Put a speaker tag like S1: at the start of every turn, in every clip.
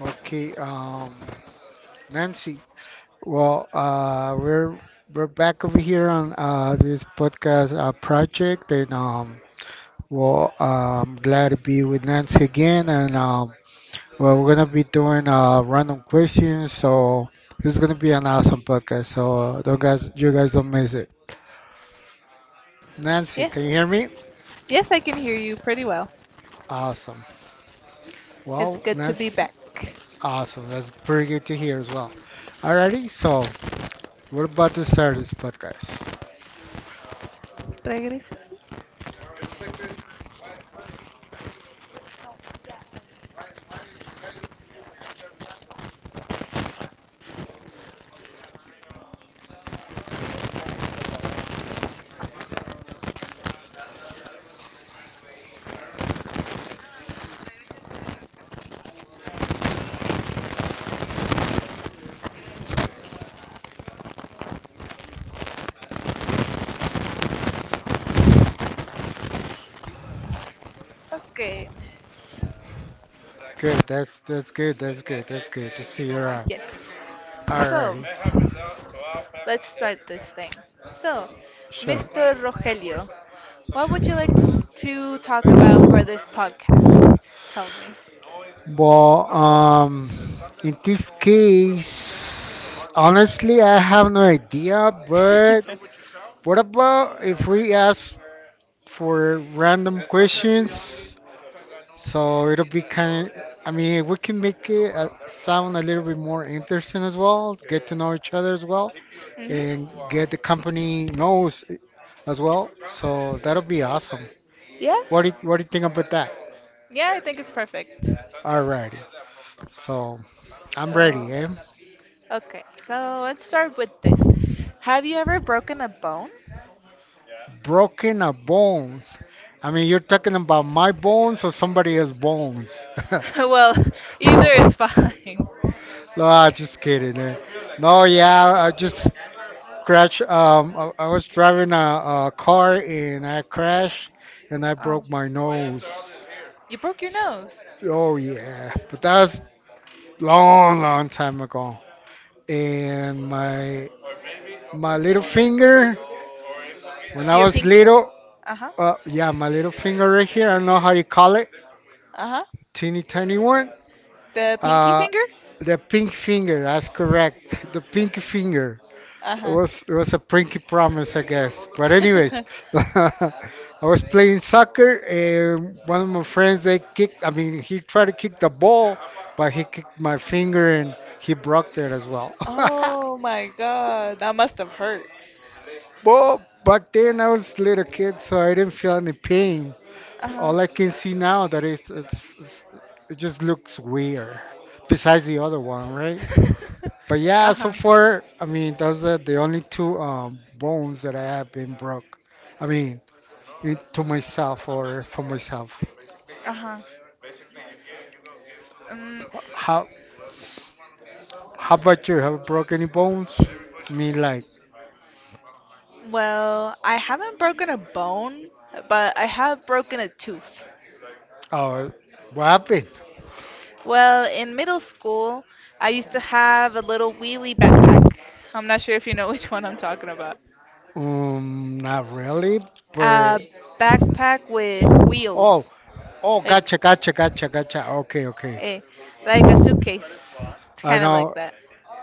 S1: Okay, Nancy. Well, we're back over here on this podcast project, and well, I'm glad to be with Nancy again. And well, we're gonna be doing random questions, so this is gonna be an awesome podcast. So don't guys, you guys don't miss it. Nancy,
S2: Yes,
S1: can you hear me?
S2: yes, I can hear you pretty well.
S1: Awesome.
S2: It's
S1: Well,
S2: good to be
S1: Nancy,
S2: back.
S1: awesome. That's pretty good to hear as well. Alrighty, so we're about to start this podcast.
S2: Regresas. Okay.
S1: Good. That's good. That's good. That's good to see you around.
S2: Yes.
S1: All
S2: So,
S1: right.
S2: let's start this thing. So,
S1: Sure.
S2: Mr. Rogelio, what would you like to talk about for this podcast? Tell me.
S1: Well, in this case, honestly, I have no idea. But what about if we ask for random questions? So it'll be kind of. I mean, we can make it sound a little bit more interesting as well. Get to know each other as well, and
S2: Hmm.
S1: get the company knows as well. So that'll be awesome.
S2: Yeah.
S1: What do you think about that?
S2: Perfect.
S1: Alrighty. So I'm ready, eh?
S2: From. Okay, so let's start with this. Have you ever broken a bone?
S1: Broken a bones? I mean, you're talking about my bones or somebody else's bones?
S2: Well, either is
S1: No,
S2: fine.
S1: I'm just kidding, eh. No, yeah, I just crashed. I was driving a car and I crashed and I
S2: Oh,
S1: broke my nose.
S2: you broke your nose.
S1: Oh yeah, but that was long, long time ago. And my
S2: Or.
S1: my little finger, when I was little,
S2: Uh-huh.
S1: Yeah, my little finger right here. I don't know how you call it.
S2: Uh-huh.
S1: Teeny tiny one.
S2: The pinky
S1: Uh,
S2: finger?
S1: the pink finger. That's correct. The pink finger. It
S2: Uh-huh.
S1: was it was a pinky promise, I guess. But anyways, I was playing soccer, and one of my friends they kicked. I mean, he tried to kick the ball, but he kicked my finger, and he broke it as well.
S2: Oh my God, that must have hurt.
S1: Well, back then I was a little kid, so I didn't feel any pain.
S2: Uh-huh.
S1: All I can see now that it's it just looks weird. Besides the other one, right? But yeah, so
S2: Uh-huh.
S1: far, I mean, those are the only two bones that I have been broke. I mean, to myself or for myself.
S2: Uh-huh. Mm,
S1: How how about you? Have you broke any bones? I mean, like,
S2: well, I haven't broken a bone, but I have broken a tooth.
S1: oh, what happened?
S2: Well, in middle school, I used to have a little wheelie backpack. I'm not sure if you know which one I'm talking about.
S1: Not really,
S2: A
S1: but
S2: backpack with
S1: oh,
S2: wheels,
S1: oh,
S2: like
S1: gotcha, gotcha, gotcha, gotcha. Okay, okay.
S2: a like a suitcase. It's
S1: I
S2: kind of like
S1: know.
S2: that.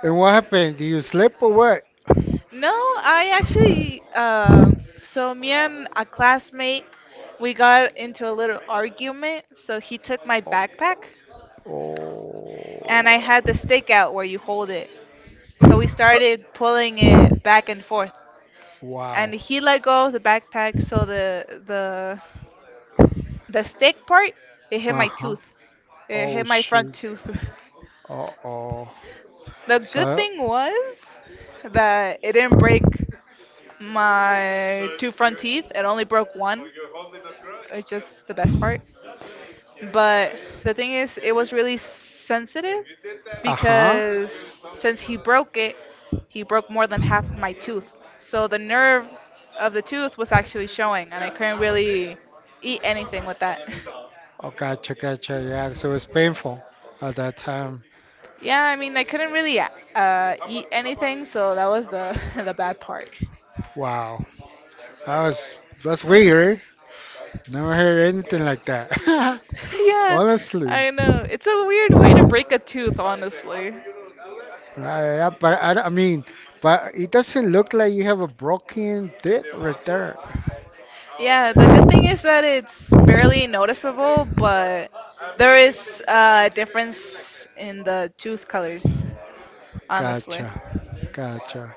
S1: And what happened? Did you slip or what?
S2: No, I actually, so me and a classmate, we got into a little argument. So he took my backpack,
S1: Oh,
S2: and I had the stake out where you hold it. So we started pulling it back and forth.
S1: wow.
S2: And he let go of the backpack, so the stick part, it hit my
S1: Uh-huh.
S2: tooth it
S1: Oh,
S2: hit my front
S1: shoot.
S2: tooth.
S1: Uh-oh.
S2: The good
S1: So,
S2: thing was that it didn't break my two front teeth, it only broke one. It's just the best part. But the thing is, it was really sensitive
S1: uh-huh.
S2: because since he broke it, he broke more than half of my tooth. So the nerve of the tooth was actually showing, and I couldn't really eat anything with that.
S1: Oh, gotcha, gotcha. Yeah, so it's painful at that time.
S2: Yeah, I mean, I couldn't really eat anything, so that was the the bad part.
S1: Wow. That's weird. Never heard anything like that.
S2: Yeah,
S1: Honestly.
S2: I know. It's a weird way to break a tooth, honestly.
S1: I mean, but it doesn't look like you have a broken teeth right there.
S2: Yeah, the good thing is that it's barely noticeable, but there is a difference in the tooth colors, honestly.
S1: Gotcha. Gotcha.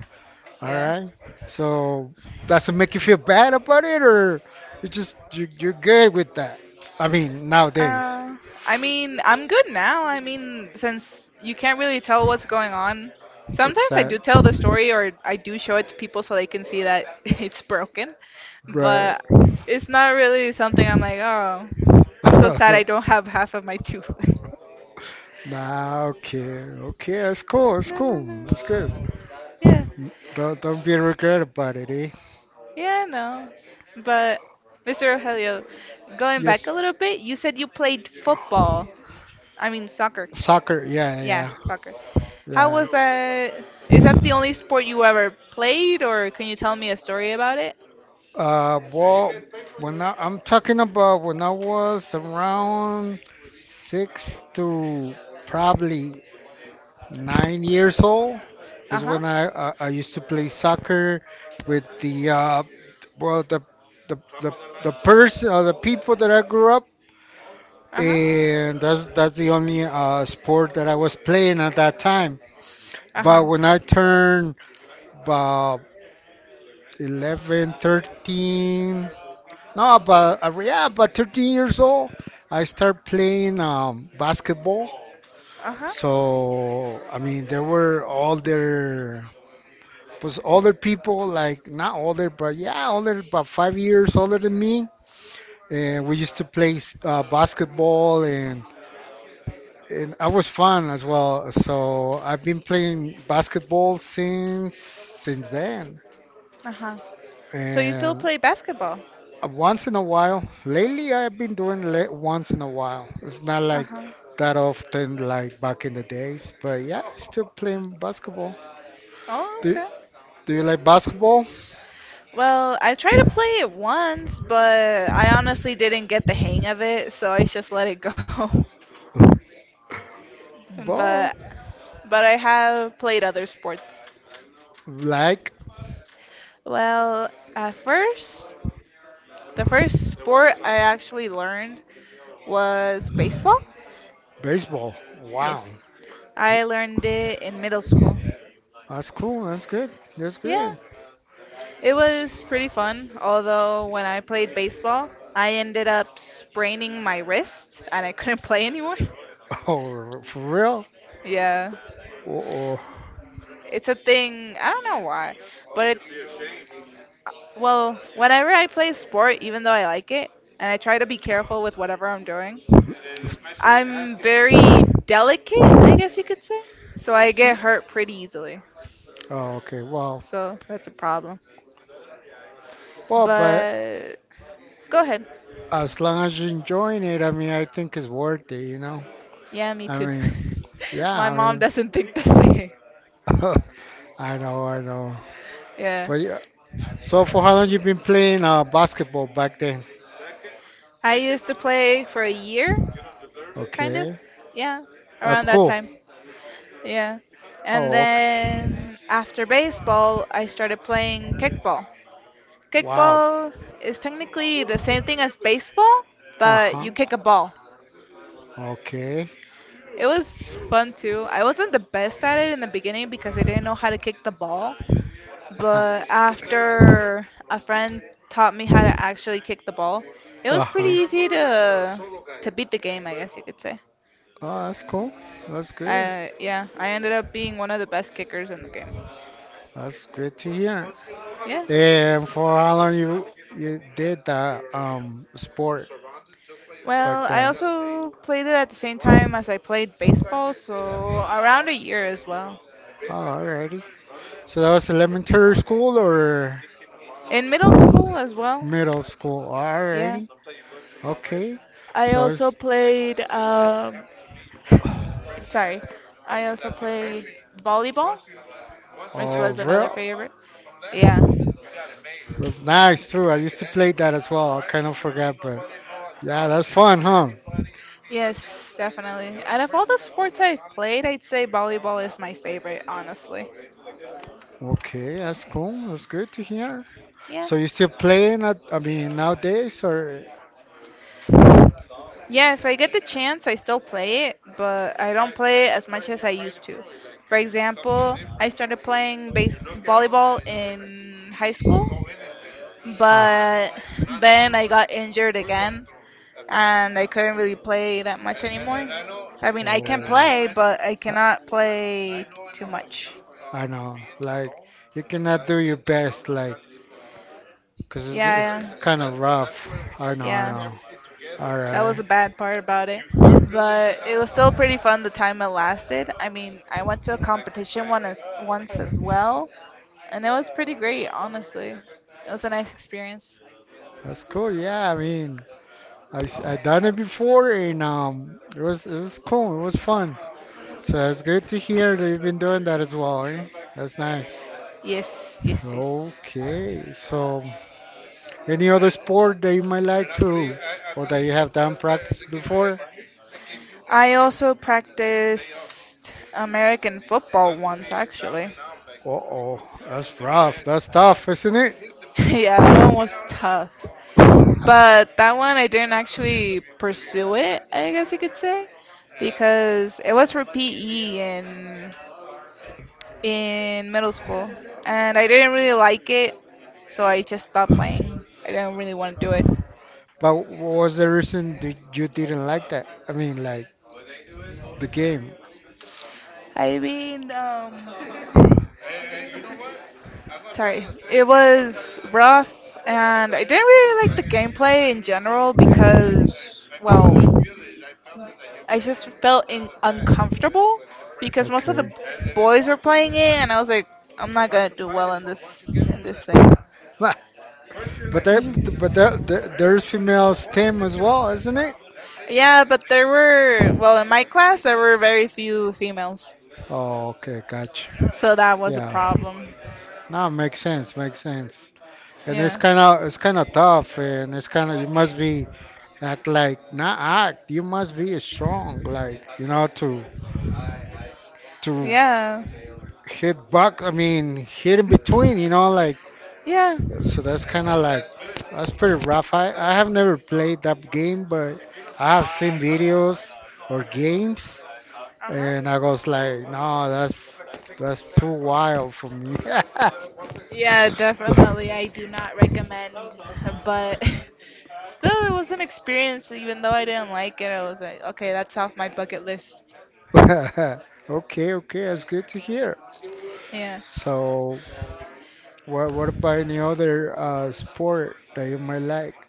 S1: All
S2: Yeah.
S1: right. So does it make you feel bad about it, or you're good with that? I mean, nowadays.
S2: Uh, I mean, I'm good now. I mean, since you can't really tell what's going on, sometimes I
S1: Exact.
S2: do tell the story or I do show it to people so they can see that it's broken,
S1: Right.
S2: but it's not really something I'm like, oh, I'm so sad I don't have half of my tooth.
S1: Nah. Okay. Okay. That's cool. That's
S2: No, no,
S1: cool. That's good.
S2: no. Yeah,
S1: Don't be regret about it, eh?
S2: yeah, no. But, Mr. Rogelio, going back a
S1: Yes.
S2: little bit, you said you played football. I mean, soccer.
S1: Soccer. Yeah.
S2: Yeah,
S1: Yeah.
S2: soccer. How
S1: Yeah.
S2: was that? Is that the only sport you ever played, or can you tell me a story about it?
S1: Well, when I'm talking about when I was around six to probably 9 years old
S2: Uh
S1: is
S2: huh.
S1: when I used to play soccer with the well the the the person the people that I grew up
S2: Uh huh.
S1: and that's the only sport that I was playing at that time.
S2: Uh
S1: But
S2: huh.
S1: when I turned about 11, 13, no, about yeah, about 13 years old, I started playing basketball.
S2: Uh huh.
S1: So I mean, there were all their was other people, like not older, but yeah, older, about 5 years older than me. And we used to play basketball, and I was fun as well. So I've been playing basketball since then,
S2: Uh huh. So you still
S1: and
S2: play basketball?
S1: once in a while. Lately, I've been doing once in a while. It's not
S2: Uh
S1: like
S2: huh.
S1: that often, like back in the days. But yeah, still playing basketball.
S2: Oh,
S1: Do
S2: okay.
S1: Do you like basketball?
S2: Well, I tried to play it once, but I honestly didn't get the hang of it, so I just let it go.
S1: Ball.
S2: But I have played other sports.
S1: Like?
S2: Well, at first, the first sport I actually learned was baseball.
S1: Baseball. Wow.
S2: Yes. I learned it in middle school.
S1: That's cool. That's good. That's
S2: Yeah,
S1: good.
S2: it was pretty fun. Although when I played baseball, I ended up spraining my wrist and I couldn't play anymore.
S1: Oh, for real?
S2: Yeah,
S1: Oh,
S2: it's a thing. I don't know why, but it's well, whenever I play a sport, even though I like it, and I try to be careful with whatever I'm doing, I'm very delicate, I guess you could say. So I get
S1: oh.
S2: hurt pretty easily.
S1: Oh, okay. Well,
S2: So that's a problem.
S1: well, but
S2: But go ahead.
S1: as long as you're enjoying it, I mean, I think it's worth it, you know?
S2: Yeah, me
S1: I
S2: too.
S1: mean, yeah.
S2: My
S1: I
S2: mom
S1: mean,
S2: doesn't think the same.
S1: I know, I know.
S2: Yeah.
S1: But yeah. So for how long you been playing basketball back then?
S2: I used to play for a year, kind of.
S1: Okay.
S2: Yeah,
S1: That's
S2: around that
S1: cool.
S2: time. Yeah. And
S1: Oh, okay.
S2: then after baseball, I started playing kickball.
S1: Wow.
S2: Kickball is technically the same thing as baseball, but
S1: Uh-huh.
S2: you kick a ball.
S1: Okay.
S2: It was fun too. I wasn't the best at it in the beginning because I didn't know how to kick the ball. But after a friend taught me how to actually kick the ball, it was pretty
S1: Uh-huh.
S2: easy to beat the game, I guess you could say.
S1: Oh, that's cool. That's good.
S2: I Yeah, I ended up being one of the best kickers in the game.
S1: That's good to hear.
S2: Yeah.
S1: And for how long you did that sport
S2: Well,
S1: back
S2: I
S1: then?
S2: also played it at the same time as I played baseball, so around a year as well.
S1: Oh, alrighty. So that was elementary school or
S2: In middle school as well.
S1: middle school?
S2: Yeah.
S1: Alrighty. Okay.
S2: I
S1: So
S2: also
S1: it's
S2: played, sorry, I also played volleyball, which
S1: all
S2: was another
S1: real.
S2: favorite. Yeah.
S1: That's nice too. I used to play that as well. I kind of forgot, but yeah, that's fun, huh?
S2: Yes, definitely. Out of all the sports I've played, I'd say volleyball is my favorite, honestly.
S1: Okay, that's cool. That's good to hear.
S2: Yeah.
S1: So you still playing at, I mean, nowadays or?
S2: Yeah, if I get the chance, I still play it, but I don't play it as much as I used to. For example, I started playing base volleyball in high school,
S1: Ah,
S2: but then I got injured again and I couldn't really play that much anymore. I mean, I can
S1: oh.
S2: play, but I
S1: I,
S2: cannot play too much.
S1: I know, like you cannot do your best, like, 'cause it's
S2: Yeah.
S1: kind
S2: Yeah.
S1: of rough. I know, I
S2: Yeah.
S1: know. All
S2: That was the
S1: right,
S2: bad part about it. But it was still pretty fun the time it lasted. I mean, I went to a competition once as well, and it was pretty great, honestly. It was a nice experience.
S1: that's cool. Yeah, I mean, I done it before, and it was cool. It was fun. So it's good to hear that you've been doing that as well. Eh? That's nice.
S2: Yes, yes, yes.
S1: Okay, so any other sport that you might like to, or that you have done practice before?
S2: I also practiced American football once, actually.
S1: Uh oh, that's rough. That's tough, isn't it?
S2: Yeah, that one was tough. But that one I didn't actually pursue it, I guess you could say, because it was for PE in middle school, and I didn't really like it, so I just stopped playing. I didn't really want to do it.
S1: But what was the reason that you didn't like that? I mean, like the game.
S2: I mean, sorry, it I was rough, and I didn't really like the gameplay in general because, well, just felt in uncomfortable because most of the,
S1: Okay.
S2: and boys were playing it, and I was like, I'm not gonna do well in this thing.
S1: But there, but there, there, there's females team as well, isn't it?
S2: Yeah, but there were, well, in my class, there were very few females,
S1: Oh, okay, gotcha.
S2: so that was a
S1: Yeah.
S2: problem.
S1: No, makes sense, makes sense. And it's
S2: Yeah.
S1: kind of it's kind of tough, and it's kind of you must be act like not act. You must be strong, like you know, to to
S2: Yeah.
S1: hit back. I mean, hit in between. You know, like
S2: Yeah.
S1: so that's kind of like that's pretty rough. I have never played that game, but I have seen videos or games,
S2: Uh huh.
S1: and I was like, no, that's too wild for me.
S2: Yeah, definitely. I do not recommend, but still, it was an experience. Even though I didn't like it, I was like, okay, that's off my bucket list.
S1: Okay, okay, that's good to hear.
S2: Yeah.
S1: So, what about any other sport that you might like?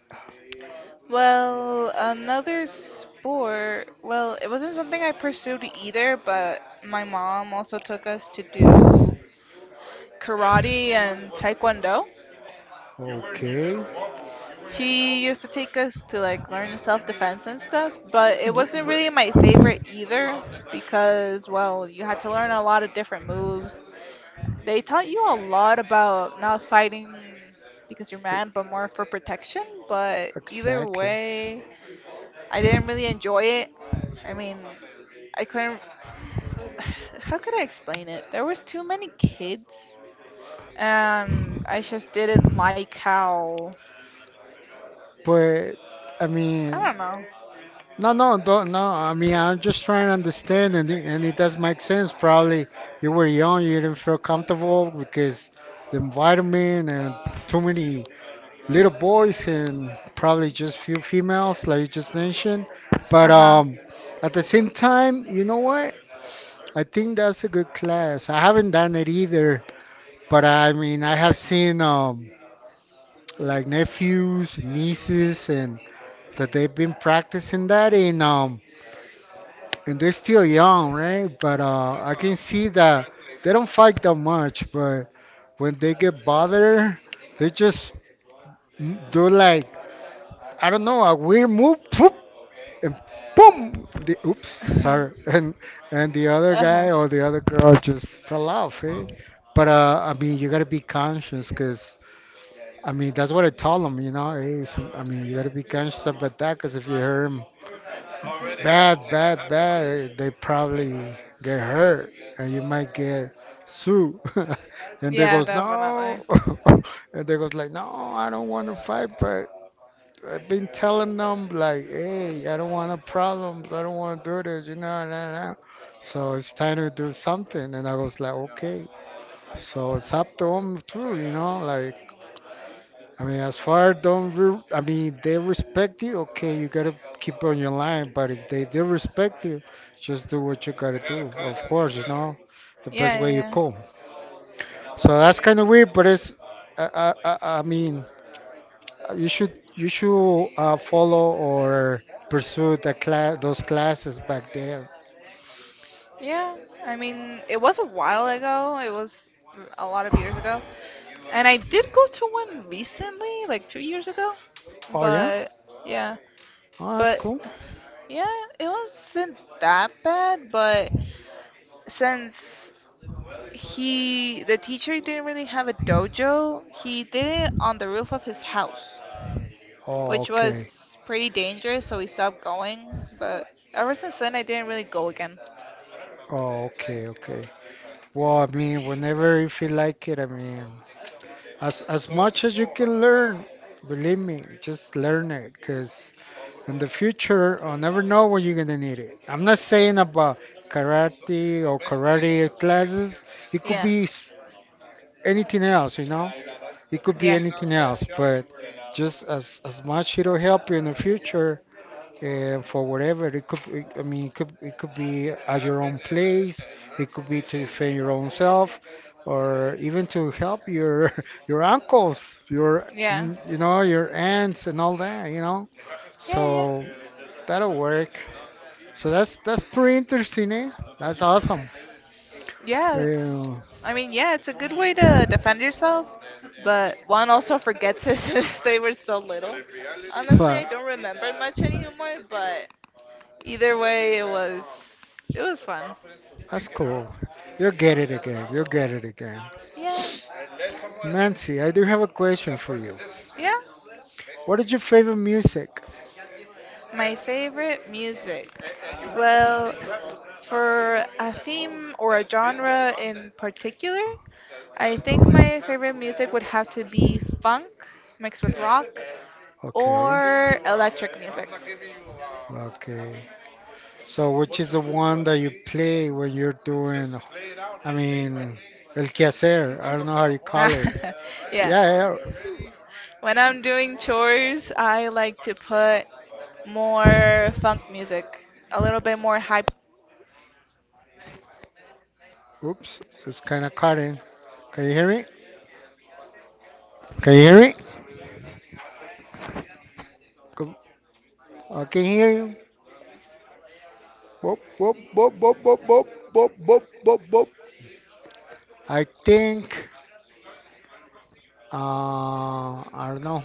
S2: Well, another sport. Well, it wasn't something I pursued either, but my mom also took us to do karate and taekwondo.
S1: Okay,
S2: She used to take us to like learn self-defense and stuff, but it
S1: Br-
S2: wasn't
S1: br-
S2: really my favorite either because, well, you had to learn a lot of different moves. They taught you a lot about not fighting because you're mad, but more for protection. But either
S1: exactly.
S2: way, I didn't really enjoy it. I mean, I couldn't. How could I explain it? There was too many kids, and I just didn't like how.
S1: But I
S2: I
S1: mean,
S2: don't know.
S1: no, no, don't, no. I mean, I'm just trying to understand, and and it does make sense. Probably you were young, you didn't feel comfortable because the environment and too many little boys and probably just few females, like you just mentioned.
S2: Uh
S1: But
S2: huh.
S1: at the same time, you know what? I think that's a good class. I haven't done it either, but I mean, I have seen like nephews, nieces, and that they've been practicing that in and they're still young, right? But I can see that they don't fight that much. But when they get bothered, they just do like I don't know a weird move, poof, and boom. Oops, sorry. And the other
S2: Uh huh.
S1: guy or the other girl just fell off. Eh? But I mean, you gotta be conscious, cause I mean that's what I told him. You know, hey, I mean you gotta be conscious about that, cause if you hurt 'em bad, bad, bad. They probably get hurt, and you might get sued. And they
S2: Yeah,
S1: goes
S2: definitely.
S1: no, and they goes like no, I don't want to fight, but I've been telling them like, hey, I don't want a problem. I don't want to do this, you know, and nah, nah. So it's time to do something. And I was like, okay. So it's up to them too, you know, like I mean, as far don't re- I mean they respect you. Okay, you gotta keep on your line. But if they do respect you, just do what you gotta do. Of course, you know, the
S2: Yeah,
S1: best way
S2: yeah,
S1: you
S2: yeah.
S1: come. So that's kind of weird, but it's I mean you should follow or pursue the class those classes back there.
S2: Yeah. I mean, it was a while ago. It was a lot of years ago, and I did go to one recently, like 2 years ago.
S1: Oh yeah,
S2: But yeah,
S1: oh that's
S2: but
S1: cool.
S2: yeah, it wasn't that bad, but since he, the teacher didn't really have a dojo, he did it on the roof of his house,
S1: Oh,
S2: which
S1: okay,
S2: was pretty dangerous, so we stopped going. But ever since then, I didn't really go again.
S1: oh okay, okay. Well, I mean, whenever you feel like it, I mean. As much as you can learn, believe me, just learn it because in the future I'll never know when you're gonna need it. I'm not saying about karate or karate classes. It could
S2: Yeah.
S1: be anything else, you know. It could be
S2: Yeah.
S1: anything else, but just as much it'll help you in the future for whatever it could be at your own place, it could be to defend your own self or even to help your your uncles, your
S2: Yeah.
S1: you know, your aunts and all that, you know,
S2: Yeah, yeah.
S1: so that'll work. So that's pretty
S2: Yeah.
S1: interesting, eh? That's awesome.
S2: Yeah, it's.
S1: Yeah,
S2: I mean, yeah, it's a good way to defend yourself, but one also forgets it since they were so little. Honestly, I
S1: but
S2: don't remember much anymore, but either way, it was fun.
S1: that's cool. You'll get it again.
S2: Yeah,
S1: Nancy, I do have a question for you.
S2: yeah.
S1: What is your favorite music?
S2: My favorite music. Well, for a theme or a genre in particular, I think my favorite music would have to be funk mixed with rock
S1: Okay,
S2: or electric music.
S1: okay. So which is the one that you play when you're doing, I mean, el quehacer, I don't know how you call it.
S2: Yeah.
S1: Yeah, yeah,
S2: When I'm doing chores, I like to put more funk music, a little bit more hype.
S1: yeah. Oops, it's kind of cutting. Can you hear me? Can you hear me? Go- I can hear you. Boop, boop, boop, boop, boop, boop, boop, boop, boop, boop. I think, uh, I don't know.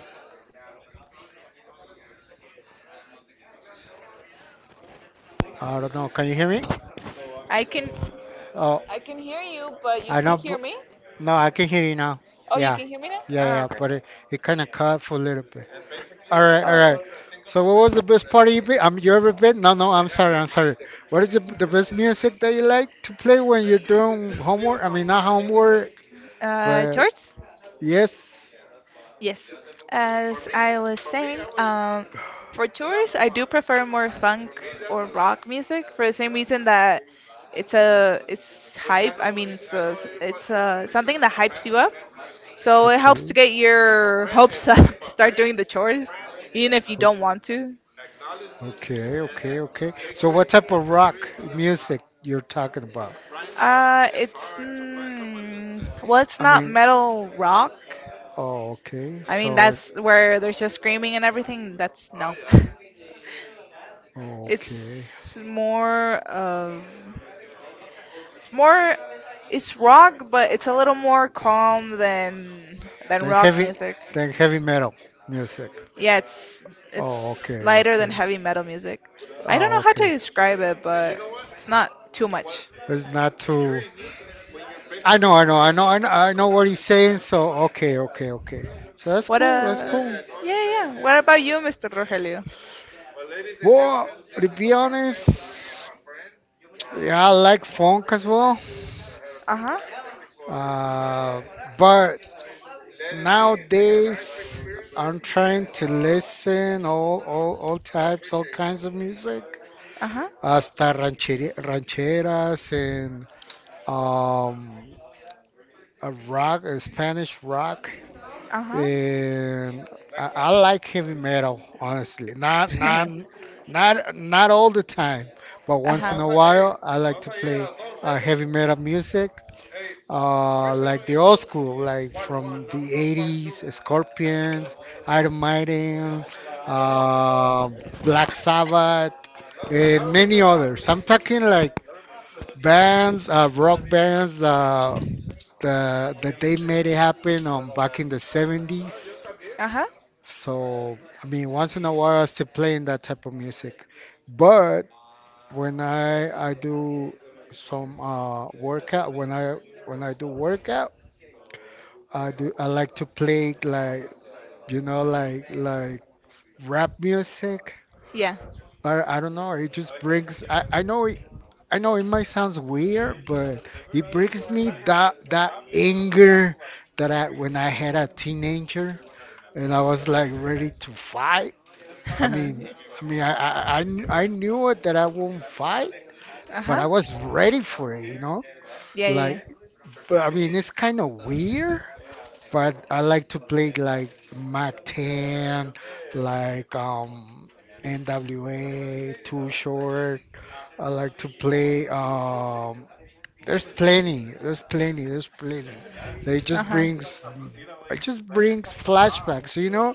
S1: I don't know. Can you hear me?
S2: I can
S1: Oh,
S2: I can hear you, but you
S1: I know.
S2: can't hear me.
S1: No, I can hear you now.
S2: Oh, you
S1: Yeah,
S2: can hear me now?
S1: yeah,
S2: Oh,
S1: yeah.
S2: okay.
S1: But it kind of cut for a little bit. All right, all right. So, what was the best party you been? You ever been? No, no. I'm sorry, I'm sorry. What is the best music that you like to play when you're doing homework? I mean, not homework, but
S2: Chores?
S1: yes.
S2: Yes, as I was saying, for tours, I do prefer more funk or rock music for the same reason that it's hype. I mean, something that hypes you up, so it helps to
S1: Okay.
S2: get your hopes up to start doing the chores, even if you
S1: o-
S2: don't want to.
S1: Okay. Okay. Okay. So, what type of rock music you're talking about?
S2: It's well, it's
S1: I
S2: not
S1: mean,
S2: metal rock.
S1: oh, okay.
S2: I mean,
S1: So,
S2: that's where there's just screaming and everything. That's no.
S1: okay.
S2: It's more of it's more It's rock, but it's a little more calm than
S1: Then
S2: rock
S1: heavy,
S2: music.
S1: then heavy metal music.
S2: Yeah, it's
S1: Oh,
S2: it's
S1: okay.
S2: lighter than
S1: Okay.
S2: heavy metal music. I don't
S1: Oh,
S2: know how to
S1: okay.
S2: describe it, but it's not too much.
S1: It's not too. I know, I know, I know, I know, I know what he's saying. So okay, okay, okay. So that's
S2: What
S1: cool. That's
S2: a
S1: cool.
S2: Yeah, yeah. Yeah. What about you, Mr. Rogelio?
S1: Well, to be honest, yeah, I like funk as well.
S2: Uh huh.
S1: Uh, but nowadays, I'm trying to listen all types, all kinds of music.
S2: Uh huh.
S1: Hasta rancheras and um, a Spanish rock.
S2: Ajá.
S1: And I like heavy metal, honestly. Not not not not all the time, but once
S2: Ajá.
S1: in a while, I like to play heavy metal music, like the old school, like from the 80s, Scorpions, Iron Maiden, uh, Black Sabbath, and many others. I'm talking like bands, rock bands that they made it happen on back in the 70s,
S2: Ajá.
S1: so, I mean, once in a while I still playing that type of music. But when I do some workout, when I do workout, I like to play like, like rap music.
S2: Yeah.
S1: I don't know, it just brings I know it might sounds weird, but it brings me that anger that I when I had a teenager, and I was like ready to fight. I mean, I mean, I, I, I I knew it that I won't fight, but
S2: Ajá.
S1: I was ready for it, you know?
S2: Yeah, yeah,
S1: Like,
S2: yeah.
S1: but I mean, it's kind of weird, but I like to play like Mac 10, like um, NWA, Too Short. I like to play, there's plenty, there's plenty, there's plenty. It just
S2: Ajá.
S1: brings, it just brings flashbacks, you know?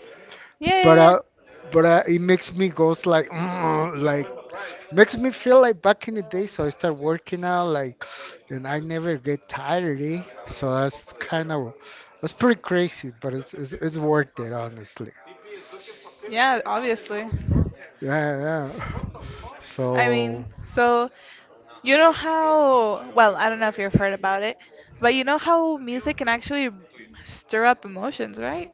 S2: Yeah,
S1: But
S2: yeah,
S1: I,
S2: yeah.
S1: but it makes me goes like makes me feel like back in the day, so I start working out, like, and I never get tired, eh? So that's kind of that's pretty crazy, but it's worth it, honestly.
S2: Yeah, obviously.
S1: Yeah, yeah.
S2: I mean,
S1: So
S2: so you know how, well, I don't know if you've heard about it, but you know how music can actually stir up emotions, right?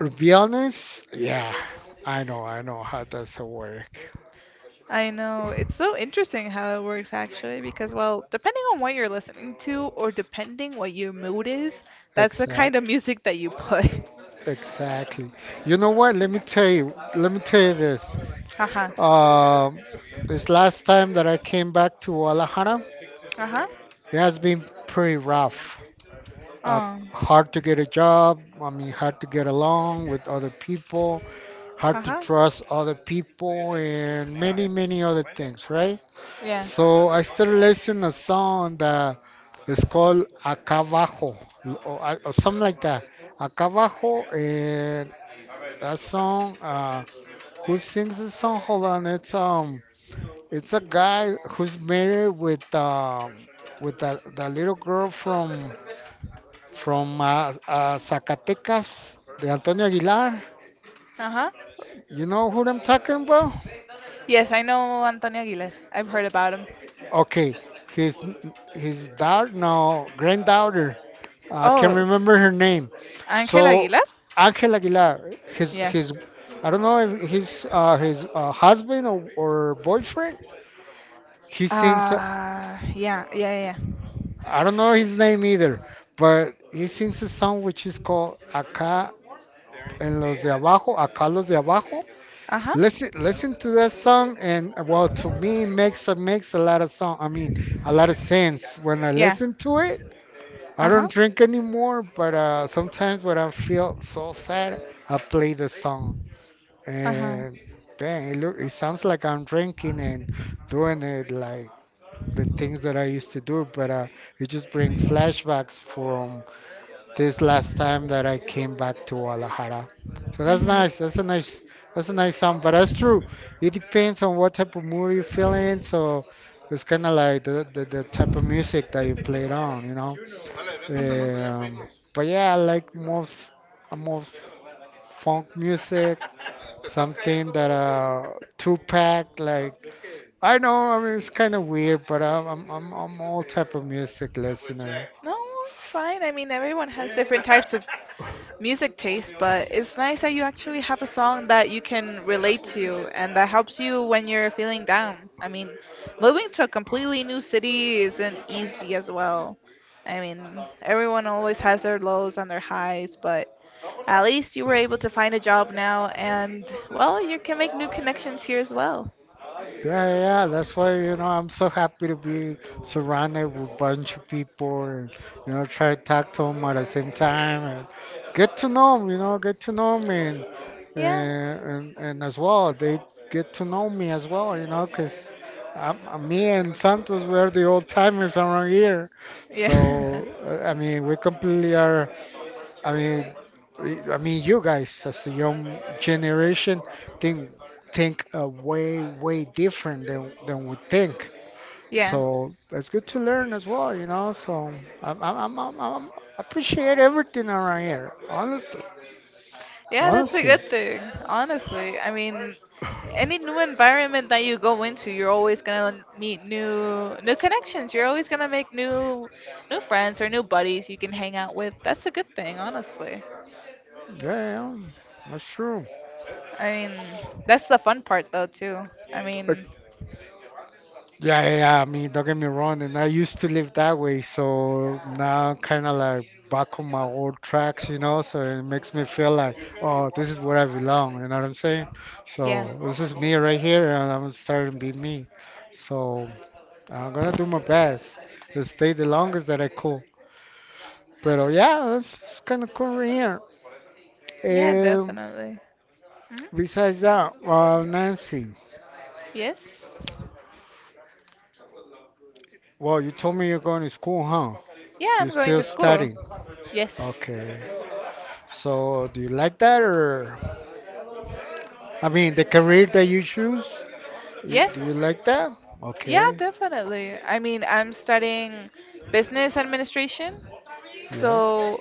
S1: to be honest, yeah, I know how does it work.
S2: I know. It's so interesting how it works actually because, well, depending on what you're listening to or depending what your mood is, that's the kind of
S1: Exact,
S2: music that you put.
S1: exactly. You know what? Let me tell you. Let me tell you this.
S2: Uh-huh.
S1: Um, this last time that I came back to Guadalajara,
S2: Uh-huh.
S1: it has been pretty rough. uh,
S2: Oh.
S1: Hard to get a job. I mean, hard to get along with other people, hard to
S2: Uh-huh.
S1: trust other people, and many, many other things, right?
S2: Yeah.
S1: So I started listening a song that is called Acabajo, or, or something like that. Acabajo, and that song, who sings this song? Hold on, it's a guy who's married with that little girl from Zacatecas, the Antonio Aguilar.
S2: Uh-huh.
S1: You know who I'm talking about?
S2: Yes, I know Antonio Aguilar. I've heard about him.
S1: Okay, his his daughter, no, granddaughter. I can't
S2: Oh,
S1: remember her name.
S2: Ángel
S1: So
S2: Aguilar.
S1: Angel Aguilar,
S2: Ya.
S1: I don't know if his husband or boyfriend. He sings.
S2: Ah, ya, ya, ya.
S1: I don't know his name either, but he sings a song which is called "Acá en los de abajo," "Acá los de abajo."
S2: Ajá.
S1: Listen to that song, and well, to me, it makes a makes a lot of song. I mean, a lot of sense when I
S2: Ya.
S1: listen to it. I don't
S2: Ajá.
S1: drink anymore, but sometimes when I feel so sad, I play the song,
S2: Ajá.
S1: and dang, it sounds like I'm drinking and doing it like the things that I used to do, but it just brings flashbacks from this last time that I came back to Guadalajara. So that's
S2: Ujú.
S1: nice. That's a nice song, but that's true. It depends on what type of mood you're feeling. So it's kind of like the type of music that you play it on, you know. Um,
S2: Ujú.
S1: but yeah, I like most funk music. Something that two pack, like, I know, I mean, it's kind of weird, but I'm all type of music listener.
S2: No, it's fine. I mean, everyone has different types of music taste, but it's nice that you actually have a song that you can relate to and that helps you when you're feeling down. I mean, moving to a completely new city isn't easy as well. I mean, everyone always has their lows and their highs, but at least you were able to find a job now and, well, you can make new connections here as well.
S1: Yeah, yeah, yeah. That's why, you know, I'm so happy to be surrounded with a bunch of people and, you know, try to talk to them at the same time and get to know them, and,
S2: Yeah.
S1: and, as well, they get to know me as well, you know, 'cause me and Santos, we're the old timers around here.
S2: Yeah.
S1: So, I mean, we completely are I mean, I mean, you guys as a young generation think think way different than we think.
S2: Yeah.
S1: So it's good to learn as well, you know. So I'm appreciate everything around here. Honestly,
S2: Yeah, that's a
S1: honestly,
S2: good thing, honestly. I mean, any new environment that you go into, you're always gonna meet new connections. You're always gonna make new friends or new buddies you can hang out with. That's a good thing, honestly.
S1: yeah, yeah, yeah. That's true.
S2: I mean, that's the fun part though too. I
S1: Like,
S2: mean,
S1: yeah, yeah, yeah, I mean, don't get me wrong, and I used to live that way, so now I'm kind of like back on my old tracks, you know, so it makes me feel like, oh, this is where I belong, you know what I'm saying?
S2: yeah.
S1: So this is me right here, and I'm starting to be me. So I'm gonna do my best to stay the longest that I could. But yeah, that's kind of cool right here.
S2: Yeah,
S1: And
S2: definitely. Hmm.
S1: besides that, Nancy,
S2: Yes.
S1: well, you told me you're going to school, huh?
S2: Yeah,
S1: You're
S2: I'm going
S1: still
S2: to school.
S1: studying.
S2: Yes.
S1: Okay. So, do you like that, or I mean, the career that you choose, do you
S2: Yes.
S1: like that?
S2: Yeah,
S1: Okay,
S2: definitely. I mean, I'm studying business administration.
S1: yes,
S2: So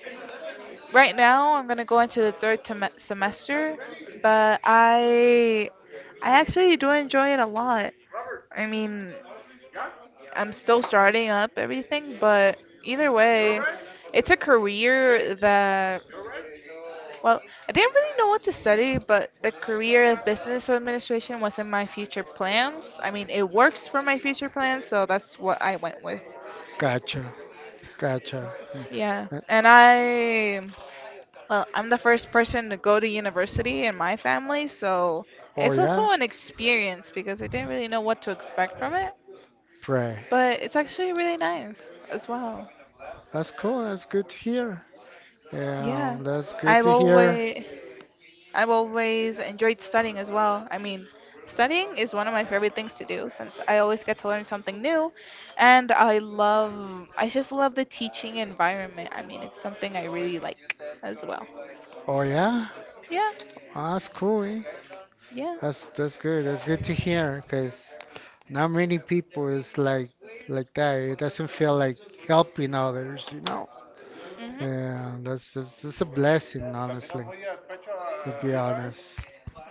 S2: right now I'm gonna go into the third semester, but I actually do enjoy it a lot. I mean, I'm still starting up everything, but either way, it's a career that, well, I didn't really know what to study, but the career of business administration was in my future plans. I mean, it works for my future plans, so that's what I went with.
S1: gotcha, gotcha.
S2: Yeah,
S1: Uh,
S2: and well, I'm the first person to go to university in my family, so
S1: Oh
S2: it's
S1: yeah,
S2: also an experience because I didn't really know what to expect from it,
S1: pray.
S2: but it's actually really nice as well.
S1: That's cool. That's good to hear. Yeah,
S2: Yeah,
S1: that's good
S2: I've
S1: to hear.
S2: always I've always enjoyed studying as well. I mean, studying is one of my favorite things to do since I always get to learn something new, and I just love the teaching environment. I mean, it's something I really like as well.
S1: Oh yeah.
S2: Yeah.
S1: Ah, that's cool, eh?
S2: Yeah.
S1: That's good. That's good to hear. Cause not many people is like that. It doesn't feel like helping others, you know.
S2: Mhm.
S1: Yeah, that's a blessing, honestly. To be honest.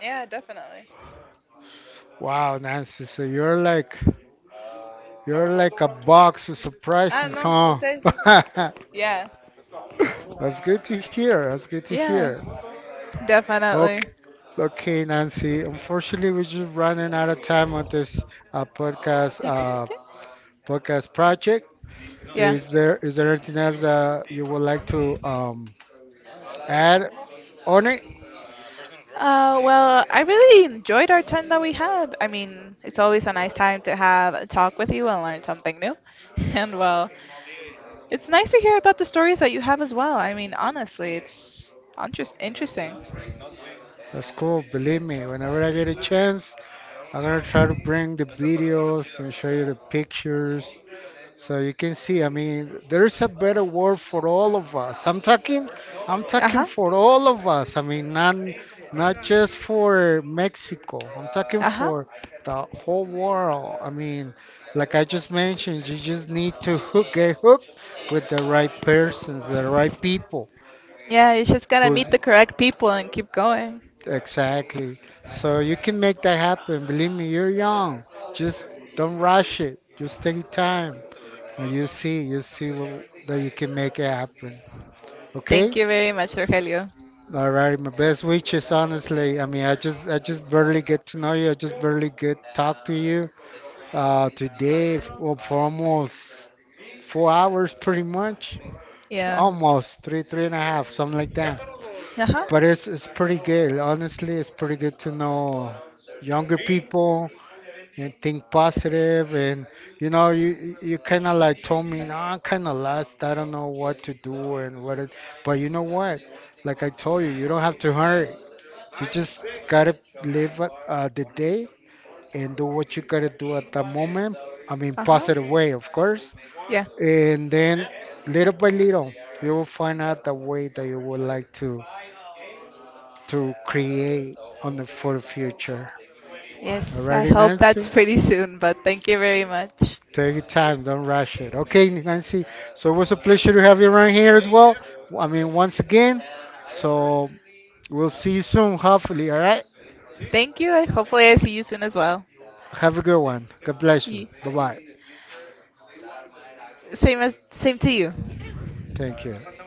S2: Yeah, definitely.
S1: Wow, Nancy, so you're like a box of
S2: I don't
S1: surprises,
S2: know.
S1: huh?
S2: Ustedes. Yeah.
S1: That's good to hear. That's good to
S2: Yeah.
S1: hear. Okay,
S2: Definitely.
S1: okay, Nancy. Unfortunately, we're just running out of time on this uh, podcast
S2: ¿Ya
S1: uh,
S2: comiste?
S1: podcast project.
S2: Yeah.
S1: Is there anything else that you would like to add on it?
S2: Well, I really enjoyed our time that we had. I mean, it's always a nice time to have a talk with you and learn something new. And well, it's nice to hear about the stories that you have as well. I mean, honestly, it's interesting.
S1: That's cool. Believe me, whenever I get a chance, I'm gonna try to bring the videos and show you the pictures, so you can see, I mean, there's a better word for all of us. I'm talking
S2: Uh-huh.
S1: for all of us. I mean, not just for Mexico. I'm talking
S2: Uh-huh.
S1: for the whole world. I mean, like I just mentioned, you just need to get hooked with the right persons, the right people.
S2: Yeah, you just gotta meet
S1: Who's
S2: the correct people and keep going.
S1: Exactly. So you can make that happen. Believe me, you're young. Just don't rush it. Just take your time. You see, that you can make it happen. Okay?
S2: Thank you very much, Rogelio.
S1: All right, my best wishes, honestly. I mean, I just barely get to know you. I just barely get talk to you. Today, well, for almost 4 hours, pretty much,
S2: Yeah.
S1: almost three, three and a half, something like that.
S2: Uh huh.
S1: But it's pretty good. Honestly, it's pretty good to know younger people, and think positive. And you know, you kind of like told me, no, I'm kind of lost, I don't know what to do, and what it, but you know what, like I told you, you don't have to hurry. You just gotta live the day and do what you gotta do at the moment. I mean,
S2: Uh huh.
S1: positive way, of course.
S2: Yeah.
S1: And then little by little you will find out the way that you would like to create on the for the future.
S2: Yes, I
S1: Alrighty,
S2: hope that's
S1: Nancy.
S2: pretty soon, but thank you very much.
S1: Take your time, don't rush it. Okay, Nancy. So it was a pleasure to have you around here as well. I mean, once again. So we'll see you soon, hopefully. All right.
S2: Thank you. I Hopefully, I see you soon as well.
S1: Have a good one. God bless you.
S2: Ye-
S1: Bye bye.
S2: same to you.
S1: Thank you.